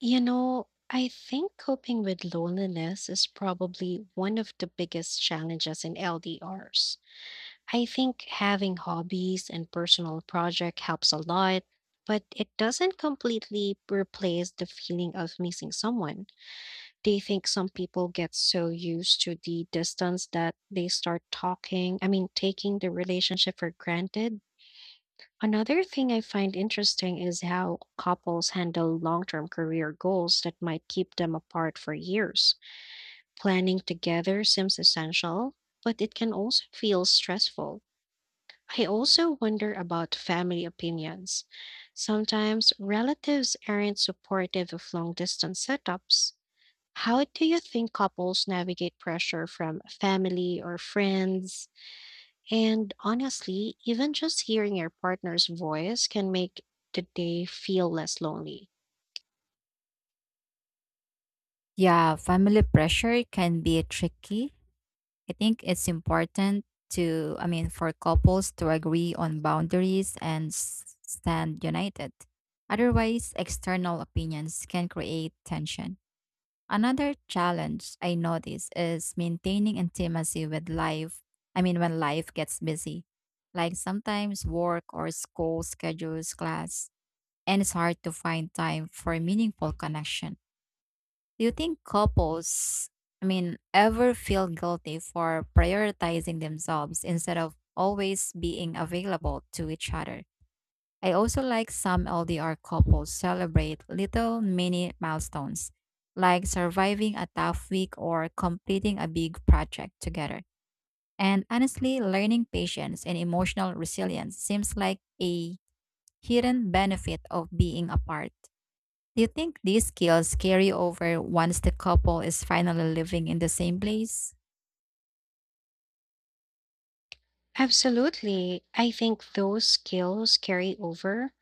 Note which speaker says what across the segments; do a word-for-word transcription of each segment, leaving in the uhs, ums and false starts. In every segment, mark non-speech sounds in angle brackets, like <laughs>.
Speaker 1: You know, I think coping with loneliness is probably one of the biggest challenges in L D Rs. I think having hobbies and personal project helps a lot, but it doesn't completely replace the feeling of missing someone. Do you think some people get so used to the distance that they start talking, I mean, taking the relationship for granted? Another thing I find interesting is how couples handle long term career goals that might keep them apart for years. Planning together seems essential, but it can also feel stressful. I also wonder about family opinions. Sometimes relatives aren't supportive of long distance setups. How do you think couples navigate pressure from family or friends? And honestly, even just hearing your partner's voice can make the day feel less lonely.
Speaker 2: Yeah, family pressure can be tricky. I think it's important to, I mean, for couples to agree on boundaries and s- stand united. Otherwise, external opinions can create tension. Another challenge I notice is maintaining intimacy with life. I mean, when life gets busy, like sometimes work or school schedules class, and it's hard to find time for meaningful connection. Do you think couples, I mean, ever feel guilty for prioritizing themselves instead of always being available to each other? I also like some L D R couples celebrate little mini milestones, like surviving a tough week or completing a big project together. And honestly, learning patience and emotional resilience seems like a hidden benefit of being apart. Do you think these skills carry over once the couple is finally living in the same place?
Speaker 1: Absolutely. I think those skills carry over.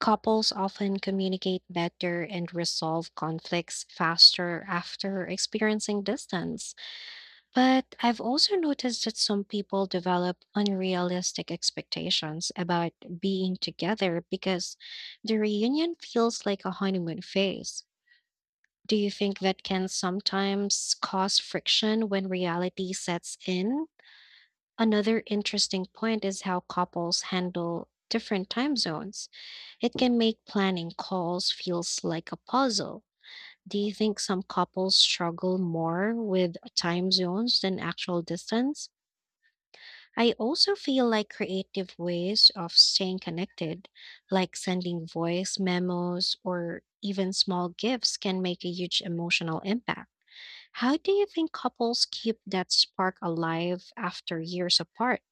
Speaker 1: Couples often communicate better and resolve conflicts faster after experiencing distance. But I've also noticed that some people develop unrealistic expectations about being together because the reunion feels like a honeymoon phase. Do you think that can sometimes cause friction when reality sets in? Another interesting point is how couples handle different time zones. It can make planning calls feels like a puzzle. Do you think some couples struggle more with time zones than actual distance? I also feel like creative ways of staying connected, like sending voice memos or even small gifts, can make a huge emotional impact. How do you think couples keep that spark alive after years apart?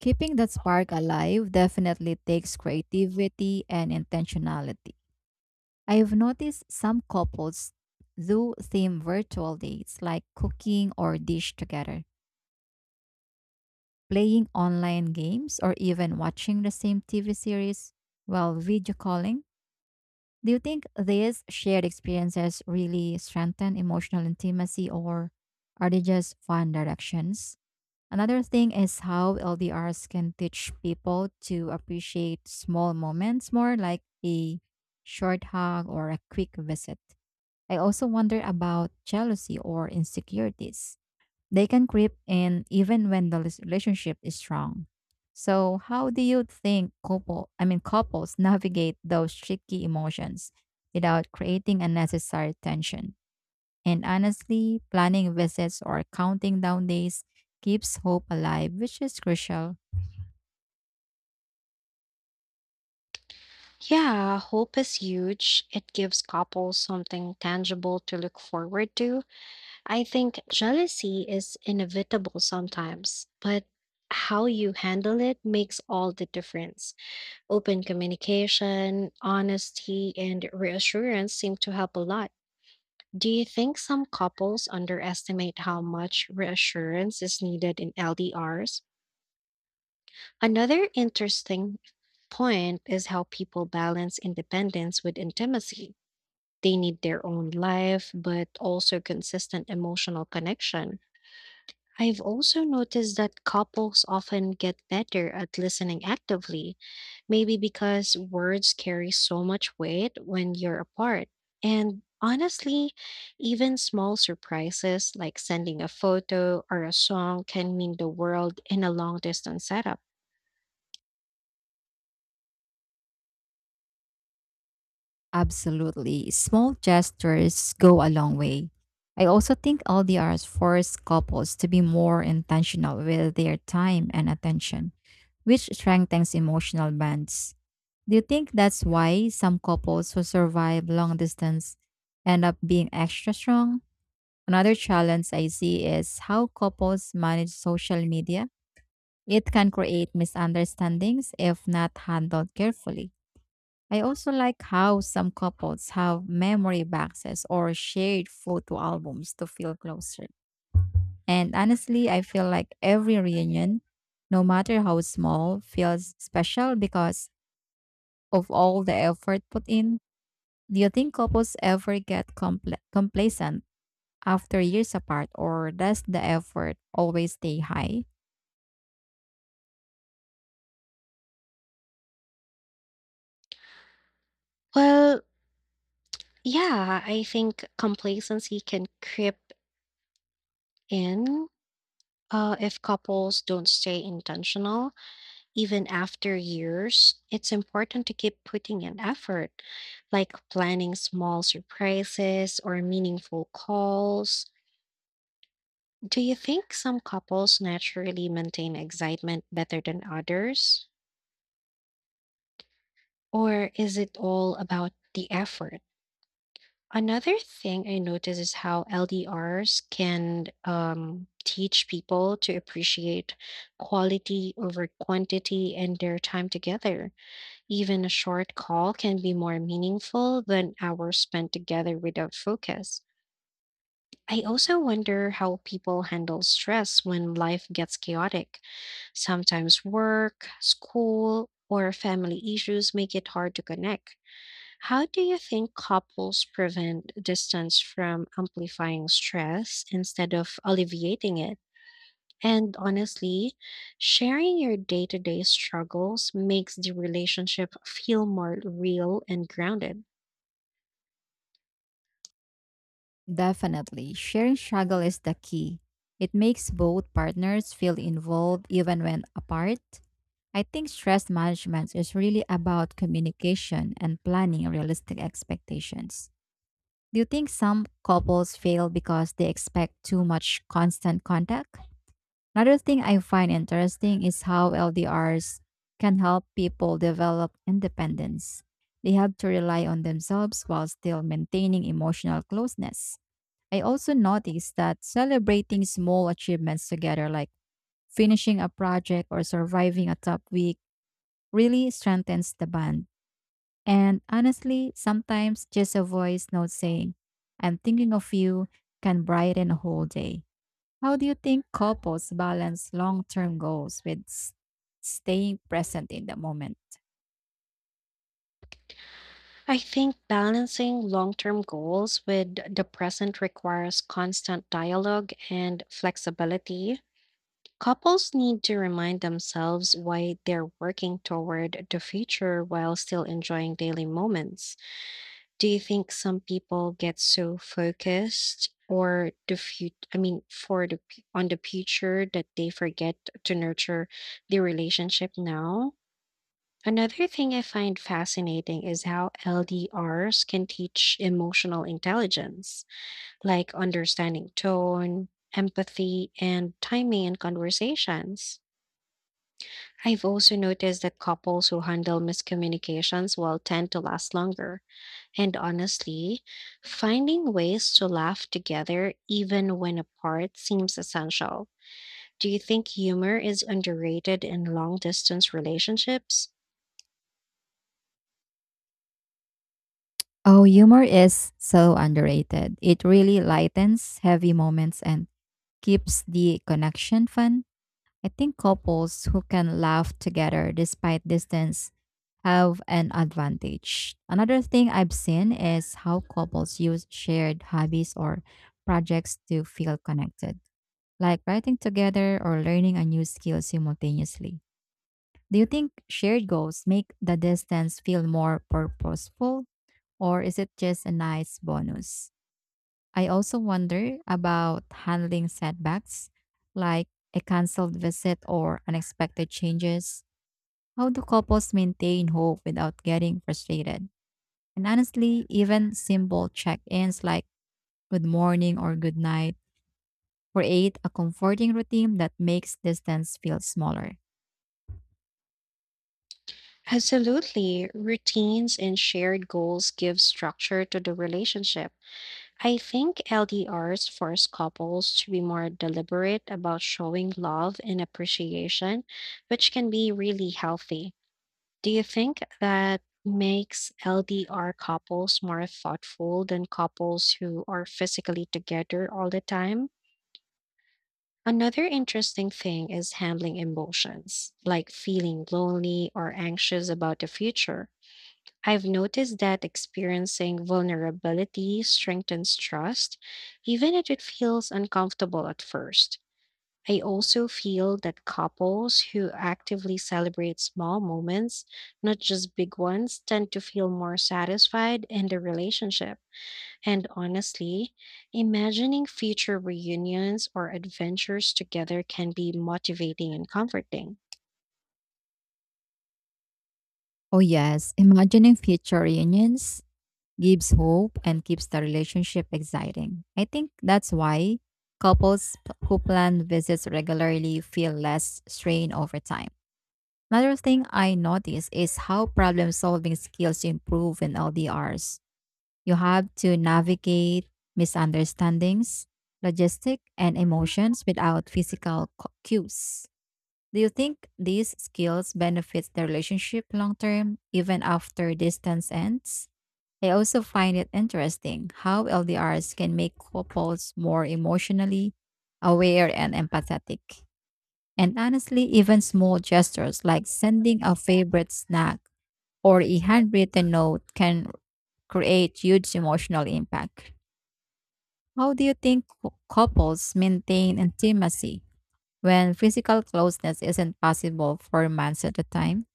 Speaker 2: Keeping that spark alive definitely takes creativity and intentionality. I've noticed some couples do theme virtual dates like cooking or dish together, playing online games, or even watching the same T V series while video calling. Do you think these shared experiences really strengthen emotional intimacy, or are they just fun directions? Another thing is how L D Rs can teach people to appreciate small moments more, like a short hug or a quick visit. I also wonder about jealousy or insecurities. They can creep in even when the lis- relationship is strong. So, how do you think couple, I mean couples <laughs> navigate those tricky emotions without creating unnecessary tension? And honestly, planning visits or counting down days keeps hope alive, which is crucial.
Speaker 1: Yeah, hope is huge. It gives couples something tangible to look forward to. I think jealousy is inevitable sometimes, but how you handle it makes all the difference. Open communication, honesty, and reassurance seem to help a lot. Do you think some couples underestimate how much reassurance is needed in L D Rs? Another interesting point is how people balance independence with intimacy. They need their own life, but also consistent emotional connection. I've also noticed that couples often get better at listening actively, maybe because words carry so much weight when you're apart. And honestly, even small surprises like sending a photo or a song can mean the world in a long distance setup.
Speaker 2: Absolutely. Small gestures go a long way. I also think L D Rs force couples to be more intentional with their time and attention, which strengthens emotional bonds. Do you think that's why some couples who survive long distance end up being extra strong? Another challenge I see is how couples manage social media. It can create misunderstandings if not handled carefully. I also like how some couples have memory boxes or shared photo albums to feel closer. And honestly, I feel like every reunion, no matter how small, feels special because of all the effort put in. Do you think couples ever get compl- complacent after years apart, or does the effort always stay high?
Speaker 1: Well, yeah, I think complacency can creep in uh, if couples don't stay intentional even after years. It's important to keep putting in effort, like planning small surprises or meaningful calls. Do you think some couples naturally maintain excitement better than others, or is it all about the effort? Another thing I notice is how L D Rs can um, teach people to appreciate quality over quantity and their time together. Even a short call can be more meaningful than hours spent together without focus. I also wonder how people handle stress when life gets chaotic. Sometimes work, school, or family issues make it hard to connect. How do you think couples prevent distance from amplifying stress instead of alleviating it? And honestly, sharing your day to day struggles makes the relationship feel more real and grounded.
Speaker 2: Definitely, sharing struggle is the key. It makes both partners feel involved even when apart. I think stress management is really about communication and planning realistic expectations. Do you think some couples fail because they expect too much constant contact? Another thing I find interesting is how L D Rs can help people develop independence. They have to rely on themselves while still maintaining emotional closeness. I also noticed that celebrating small achievements together, like finishing a project or surviving a tough week, really strengthens the bond. And honestly, sometimes just a voice note saying, I'm thinking of you, can brighten a whole day. How do you think couples balance long term goals with s- staying present in the moment?
Speaker 1: I think balancing long term goals with the present requires constant dialogue and flexibility. Couples need to remind themselves why they're working toward the future while still enjoying daily moments. Do you think some people get so focused or the future, I mean, for the p- on the future that they forget to nurture the relationship now? Another thing I find fascinating is how L D Rs can teach emotional intelligence, like understanding tone, empathy, and timing in conversations. I've also noticed that couples who handle miscommunications will tend to last longer. And honestly, finding ways to laugh together even when apart seems essential. Do you think humor is underrated in long distance relationships?
Speaker 2: Oh, humor is so underrated. It really lightens heavy moments and keeps the connection fun. I think couples who can laugh together despite distance have an advantage. Another thing I've seen is how couples use shared hobbies or projects to feel connected, like writing together or learning a new skill simultaneously. Do you think shared goals make the distance feel more purposeful, or is it just a nice bonus? I also wonder about handling setbacks like a cancelled visit or unexpected changes. How do couples maintain hope without getting frustrated? And honestly, even simple check ins like good morning or good night create a comforting routine that makes distance feel smaller.
Speaker 1: Absolutely. Routines and shared goals give structure to the relationship. I think L D Rs force couples to be more deliberate about showing love and appreciation, which can be really healthy. Do you think that makes L D R couples more thoughtful than couples who are physically together all the time? Another interesting thing is handling emotions, like feeling lonely or anxious about the future. I've noticed that experiencing vulnerability strengthens trust, even if it feels uncomfortable at first. I also feel that couples who actively celebrate small moments, not just big ones, tend to feel more satisfied in the relationship. And honestly, imagining future reunions or adventures together can be motivating and comforting.
Speaker 2: Oh, yes, imagining future reunions gives hope and keeps the relationship exciting. I think that's why couples p- who plan visits regularly feel less strain over time. Another thing I notice is how problem solving skills improve in L D Rs. You have to navigate misunderstandings, logistic, and emotions without physical cu- cues. Do you think these skills benefit the relationship long term, even after distance ends? I also find it interesting how L D Rs can make couples more emotionally aware and empathetic. And honestly, even small gestures like sending a favorite snack or a handwritten note can create huge emotional impact. How do you think cou- couples maintain intimacy when physical closeness isn't possible for months at a time?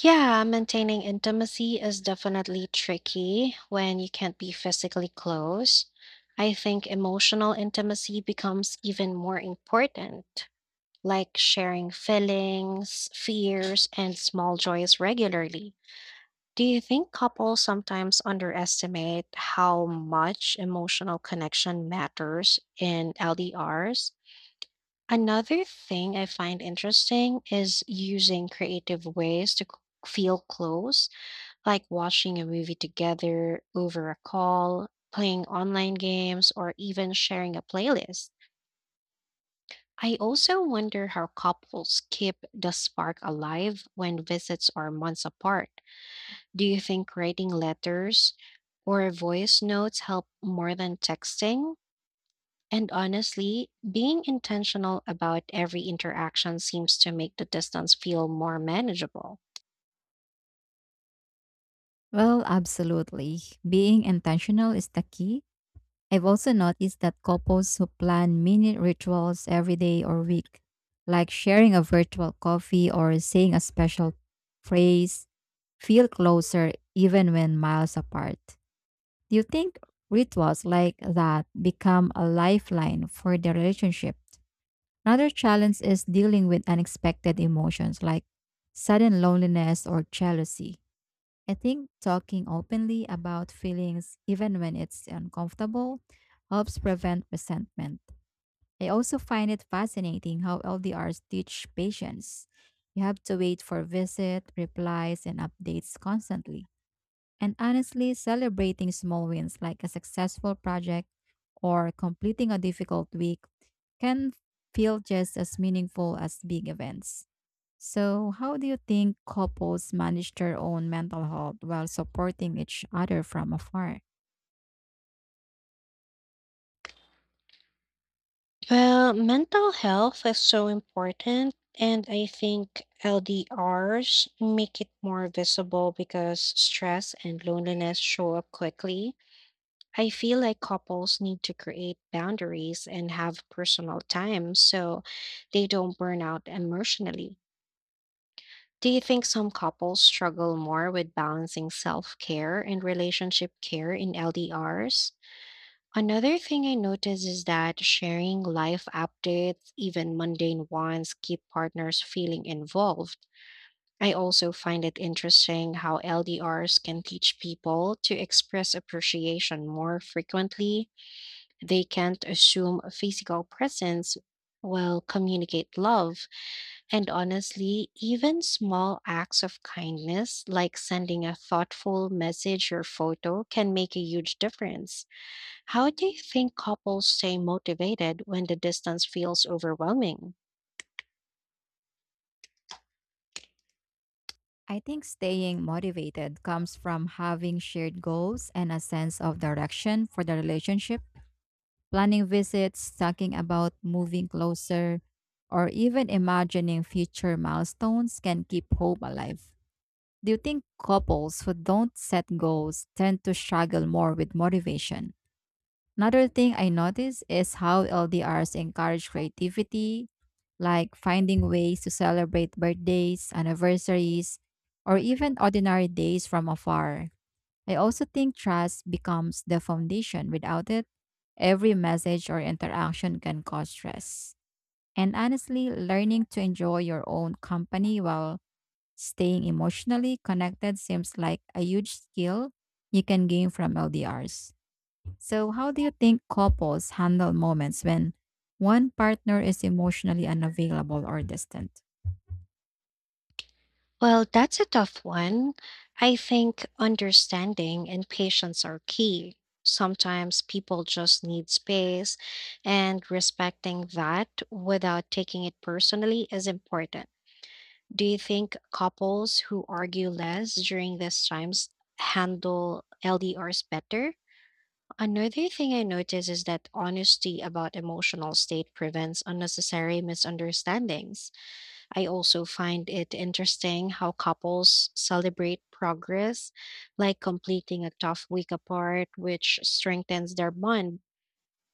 Speaker 1: Yeah, maintaining intimacy is definitely tricky when you can't be physically close. I think emotional intimacy becomes even more important, like sharing feelings, fears, and small joys regularly. Do you think couples sometimes underestimate how much emotional connection matters in L D Rs? Another thing I find interesting is using creative ways to c- feel close, like watching a movie together over a call, playing online games, or even sharing a playlist. I also wonder how couples keep the spark alive when visits are months apart. Do you think writing letters or voice notes help more than texting? And honestly, being intentional about every interaction seems to make the distance feel more manageable.
Speaker 2: Well, absolutely. Being intentional is the key. I've also noticed that couples who plan mini rituals every day or week, like sharing a virtual coffee or saying a special phrase, feel closer even when miles apart. Do you think rituals like that become a lifeline for the relationship? Another challenge is dealing with unexpected emotions like sudden loneliness or jealousy. I think talking openly about feelings, even when it's uncomfortable, helps prevent resentment. I also find it fascinating how L D Rs teach patience. You have to wait for visit, replies, and updates constantly. And honestly, celebrating small wins like a successful project or completing a difficult week can feel just as meaningful as big events. So, how do you think couples manage their own mental health while supporting each other from afar?
Speaker 1: Well, mental health is so important, and I think L D Rs make it more visible because stress and loneliness show up quickly. I feel like couples need to create boundaries and have personal time so they don't burn out emotionally. Do you think some couples struggle more with balancing self care and relationship care in L D Rs? Another thing I notice is that sharing life updates, even mundane ones, keep partners feeling involved. I also find it interesting how L D Rs can teach people to express appreciation more frequently. They can't assume a physical presence will communicate love. And honestly, even small acts of kindness, like sending a thoughtful message or photo, can make a huge difference. How do you think couples stay motivated when the distance feels overwhelming?
Speaker 2: I think staying motivated comes from having shared goals and a sense of direction for the relationship. Planning visits, talking about moving closer, or even imagining future milestones can keep hope alive. Do you think couples who don't set goals tend to struggle more with motivation? Another thing I notice is how L D Rs encourage creativity, like finding ways to celebrate birthdays, anniversaries, or even ordinary days from afar. I also think trust becomes the foundation. Without it, every message or interaction can cause stress. And honestly, learning to enjoy your own company while staying emotionally connected seems like a huge skill you can gain from L D Rs. So, how do you think couples handle moments when one partner is emotionally unavailable or distant?
Speaker 1: Well, that's a tough one. I think understanding and patience are key. Sometimes people just need space, and respecting that without taking it personally is important. Do you think couples who argue less during these times handle L D Rs better? Another thing I notice is that honesty about emotional state prevents unnecessary misunderstandings. I also find it interesting how couples celebrate progress, like completing a tough week apart, which strengthens their bond.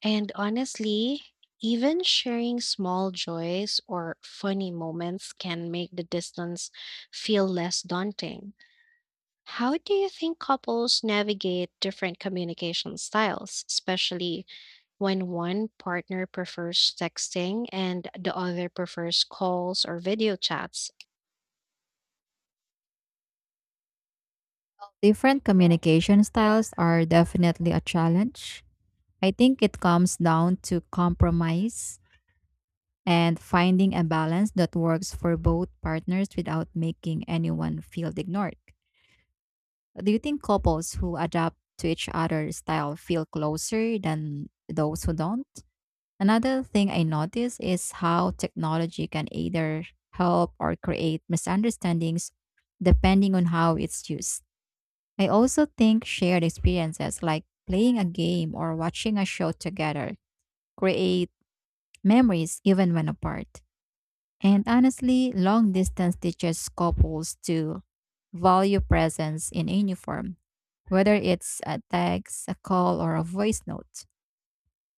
Speaker 1: And honestly, even sharing small joys or funny moments can make the distance feel less daunting. How do you think couples navigate different communication styles, especially when one partner prefers texting and the other prefers calls or video chats?
Speaker 2: Different communication styles are definitely a challenge. I think it comes down to compromise and finding a balance that works for both partners without making anyone feel ignored. Do you think couples who adapt to each other's style feel closer than those who don't? Another thing I notice is how technology can either help or create misunderstandings depending on how it's used. I also think shared experiences like playing a game or watching a show together create memories even when apart. And honestly, long distance teaches couples to value presence in any form, whether it's a text, a call, or a voice note.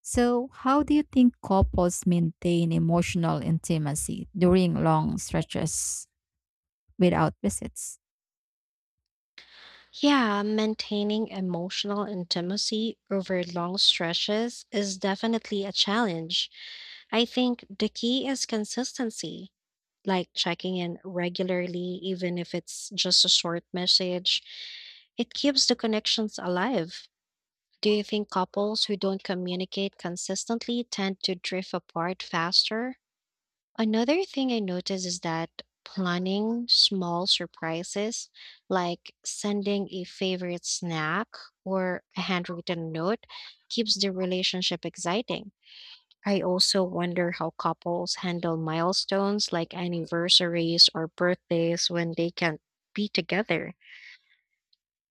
Speaker 2: So, how do you think couples maintain emotional intimacy during long stretches without visits?
Speaker 1: Yeah, maintaining emotional intimacy over long stretches is definitely a challenge. I think the key is consistency, like checking in regularly, even if it's just a short message. It keeps the connections alive. Do you think couples who don't communicate consistently tend to drift apart faster? Another thing I notice is that planning small surprises, like sending a favorite snack or a handwritten note, keeps the relationship exciting. I also wonder how couples handle milestones like anniversaries or birthdays when they can't be together.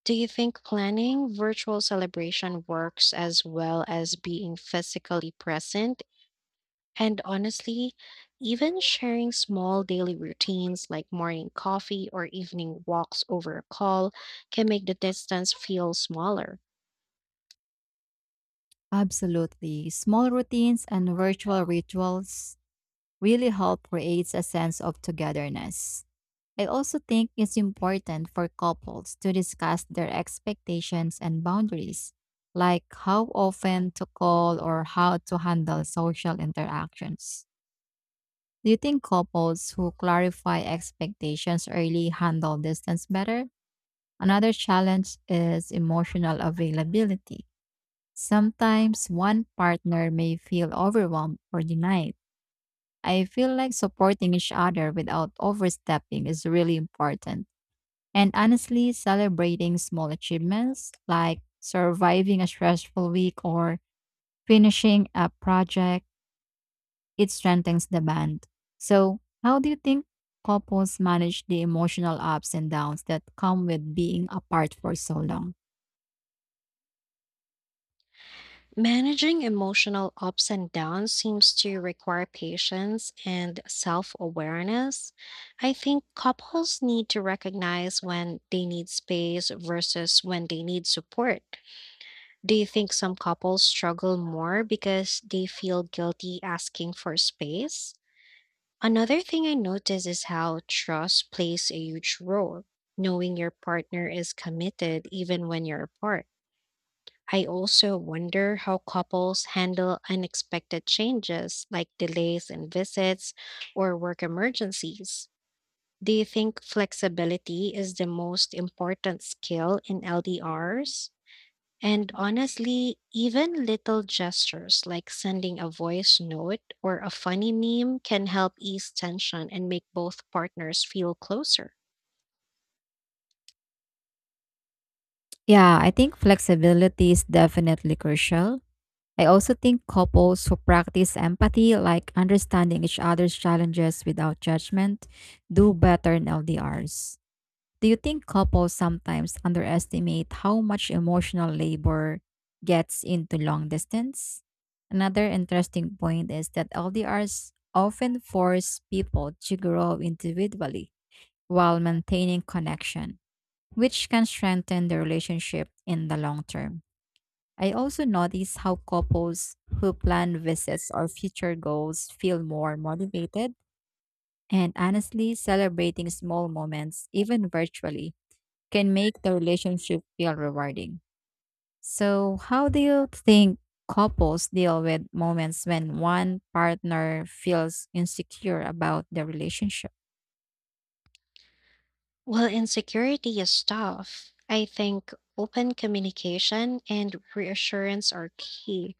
Speaker 1: Do you think planning virtual celebration works as well as being physically present? And honestly, even sharing small daily routines like morning coffee or evening walks over a call can make the distance feel smaller.
Speaker 2: Absolutely. Small routines and virtual rituals really help create a sense of togetherness. I also think it's important for couples to discuss their expectations and boundaries, like how often to call or how to handle social interactions. Do you think couples who clarify expectations early handle distance better? Another challenge is emotional availability. Sometimes one partner may feel overwhelmed or denied. I feel like supporting each other without overstepping is really important. And honestly, celebrating small achievements like surviving a stressful week or finishing a project, it strengthens the band. So, how do you think couples manage the emotional ups and downs that come with being apart for so long?
Speaker 1: Managing emotional ups and downs seems to require patience and self awareness. I think couples need to recognize when they need space versus when they need support. Do you think some couples struggle more because they feel guilty asking for space? Another thing I notice is how trust plays a huge role, knowing your partner is committed even when you're apart. I also wonder how couples handle unexpected changes like delays in visits or work emergencies. Do you think flexibility is the most important skill in L D Rs? And honestly, even little gestures like sending a voice note or a funny meme can help ease tension and make both partners feel closer.
Speaker 2: Yeah, I think flexibility is definitely crucial. I also think couples who practice empathy, like understanding each other's challenges without judgment, do better in L D Rs. Do you think couples sometimes underestimate how much emotional labor gets into long distance? Another interesting point is that L D Rs often force people to grow individually while maintaining connection, which can strengthen the relationship in the long term. I also notice how couples who plan visits or future goals feel more motivated, and honestly celebrating small moments, even virtually, can make the relationship feel rewarding. So, how do you think couples deal with moments when one partner feels insecure about the relationship?
Speaker 1: While insecurity is tough, I think open communication and reassurance are key.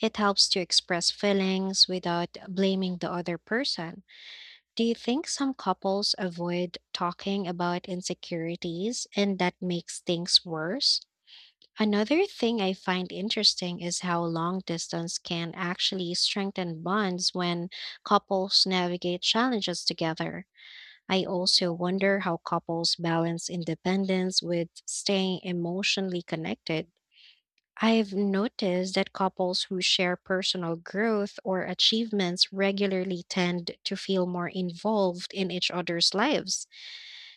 Speaker 1: It helps to express feelings without blaming the other person. Do you think some couples avoid talking about insecurities and that makes things worse? Another thing I find interesting is how long distance can actually strengthen bonds when couples navigate challenges together. I also wonder how couples balance independence with staying emotionally connected. I've noticed that couples who share personal growth or achievements regularly tend to feel more involved in each other's lives.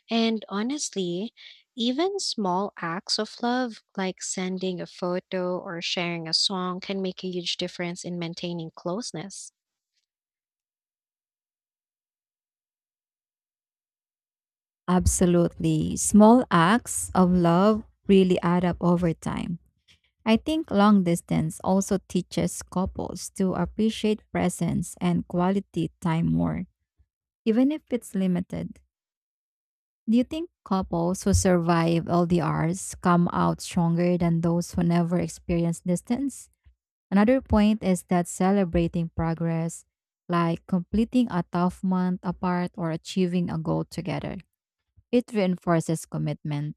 Speaker 1: And honestly, even small acts of love, like sending a photo or sharing a song, can make a huge difference in maintaining closeness.
Speaker 2: Absolutely. Small acts of love really add up over time. I think long distance also teaches couples to appreciate presence and quality time more, even if it's limited. Do you think couples who survive L D Rs come out stronger than those who never experience distance? Another point is that celebrating progress, like completing a tough month apart or achieving a goal together, it reinforces commitment.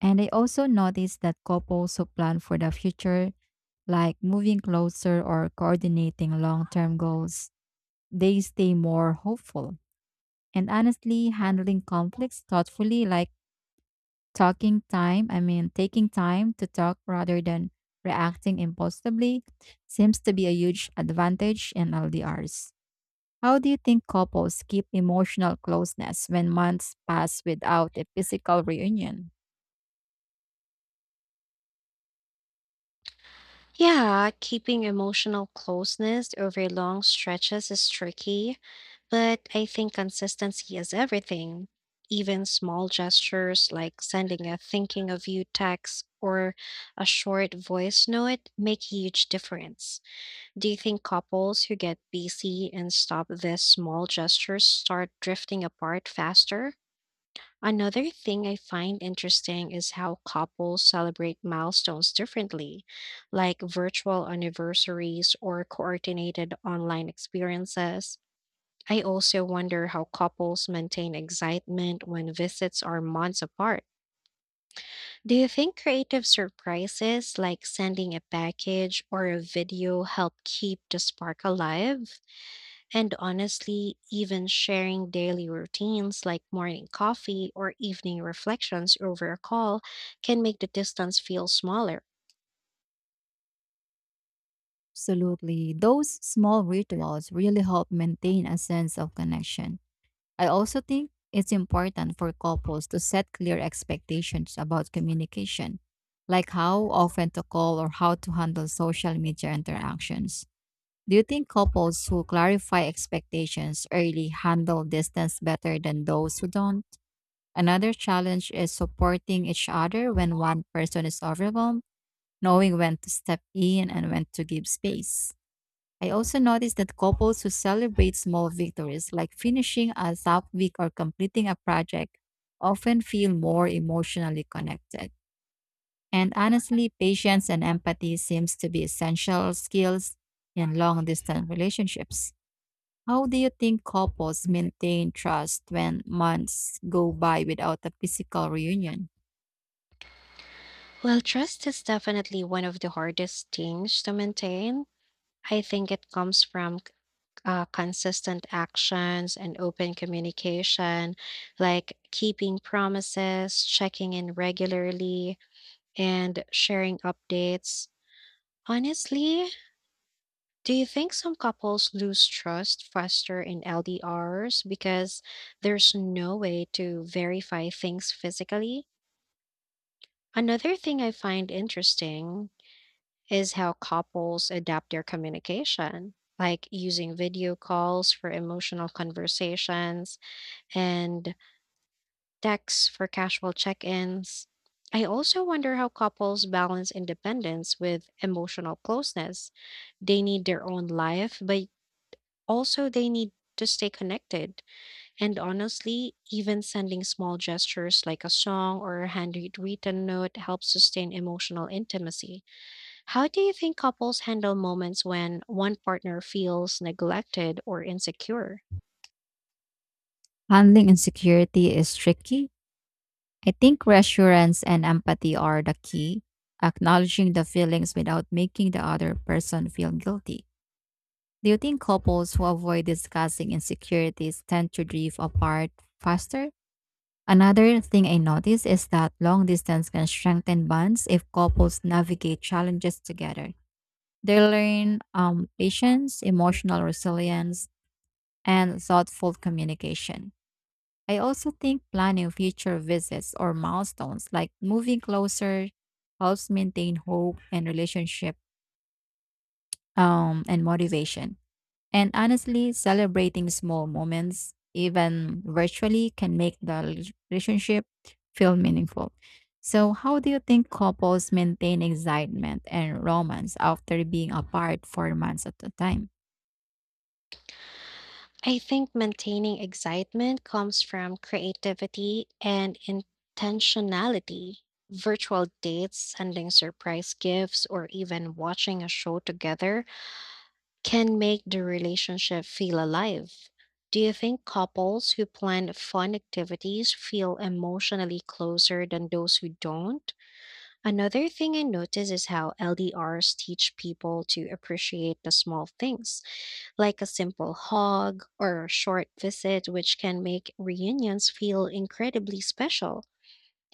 Speaker 2: And I also noticed that couples who plan for the future, like moving closer or coordinating long term goals, they stay more hopeful. And honestly, handling conflicts thoughtfully, like Talking time, I mean, taking time to talk rather than reacting impulsively, seems to be a huge advantage in L D Rs. How do you think couples keep emotional closeness when months pass without a physical reunion?
Speaker 1: Yeah, keeping emotional closeness over long stretches is tricky, but I think consistency is everything. Even small gestures like sending a thinking of you text or a short voice note make a huge difference. Do you think couples who get busy and stop these small gestures start drifting apart faster? Another thing I find interesting is how couples celebrate milestones differently, like virtual anniversaries or coordinated online experiences. I also wonder how couples maintain excitement when visits are months apart. Do you think creative surprises like sending a package or a video help keep the spark alive? And honestly, even sharing daily routines like morning coffee or evening reflections over a call can make the distance feel smaller.
Speaker 2: Absolutely. Those small rituals really help maintain a sense of connection. I also think it's important for couples to set clear expectations about communication, like how often to call or how to handle social media interactions. Do you think couples who clarify expectations early handle distance better than those who don't? Another challenge is supporting each other when one person is overwhelmed, knowing when to step in and when to give space. I also noticed that couples who celebrate small victories, like finishing a top week or completing a project, often feel more emotionally connected. And honestly, patience and empathy seems to be essential skills in long-distance relationships. How do you think couples maintain trust when months go by without a physical reunion?
Speaker 1: Well, trust is definitely one of the hardest things to maintain. I think it comes from uh, consistent actions and open communication, like keeping promises, checking in regularly, and sharing updates. Honestly, do you think some couples lose trust faster in L D Rs because there's no way to verify things physically? Another thing I find interesting is how couples adapt their communication, like using video calls for emotional conversations and texts for casual check ins. I also wonder how couples balance independence with emotional closeness. They need their own life, but also, they need to stay connected. And honestly, even sending small gestures like a song or a handwritten note helps sustain emotional intimacy. How do you think couples handle moments when one partner feels neglected or insecure?
Speaker 2: Handling insecurity is tricky. I think reassurance and empathy are the key, acknowledging the feelings without making the other person feel guilty. Do you think couples who avoid discussing insecurities tend to drift apart faster? Another thing I notice is that long distance can strengthen bonds if couples navigate challenges together. They learn um, patience, emotional resilience, and thoughtful communication. I also think planning future visits or milestones like moving closer helps maintain hope and relationship, um, and motivation. And honestly, celebrating small moments, even virtually, can make the rel- relationship feel meaningful. So, how do you think couples maintain excitement and romance after being apart for months at a time?
Speaker 1: I think maintaining excitement comes from creativity and intentionality. Virtual dates, sending surprise gifts, or even watching a show together can make the relationship feel alive. Do you think couples who plan fun activities feel emotionally closer than those who don't? Another thing I notice is how L D Rs teach people to appreciate the small things, like a simple hug or a short visit, which can make reunions feel incredibly special.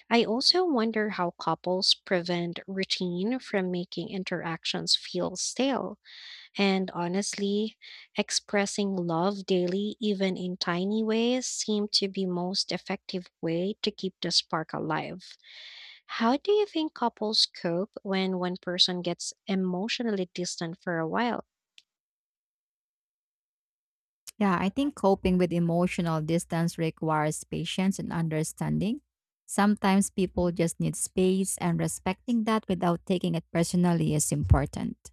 Speaker 1: I also wonder how couples prevent routine from making interactions feel stale. And honestly, expressing love daily, even in tiny ways, seem to be most effective way to keep the spark alive. How do you think couples cope when one person gets emotionally distant for a while?
Speaker 2: Yeah, I think coping with emotional distance requires patience and understanding. Sometimes people just need space, and respecting that without taking it personally is important.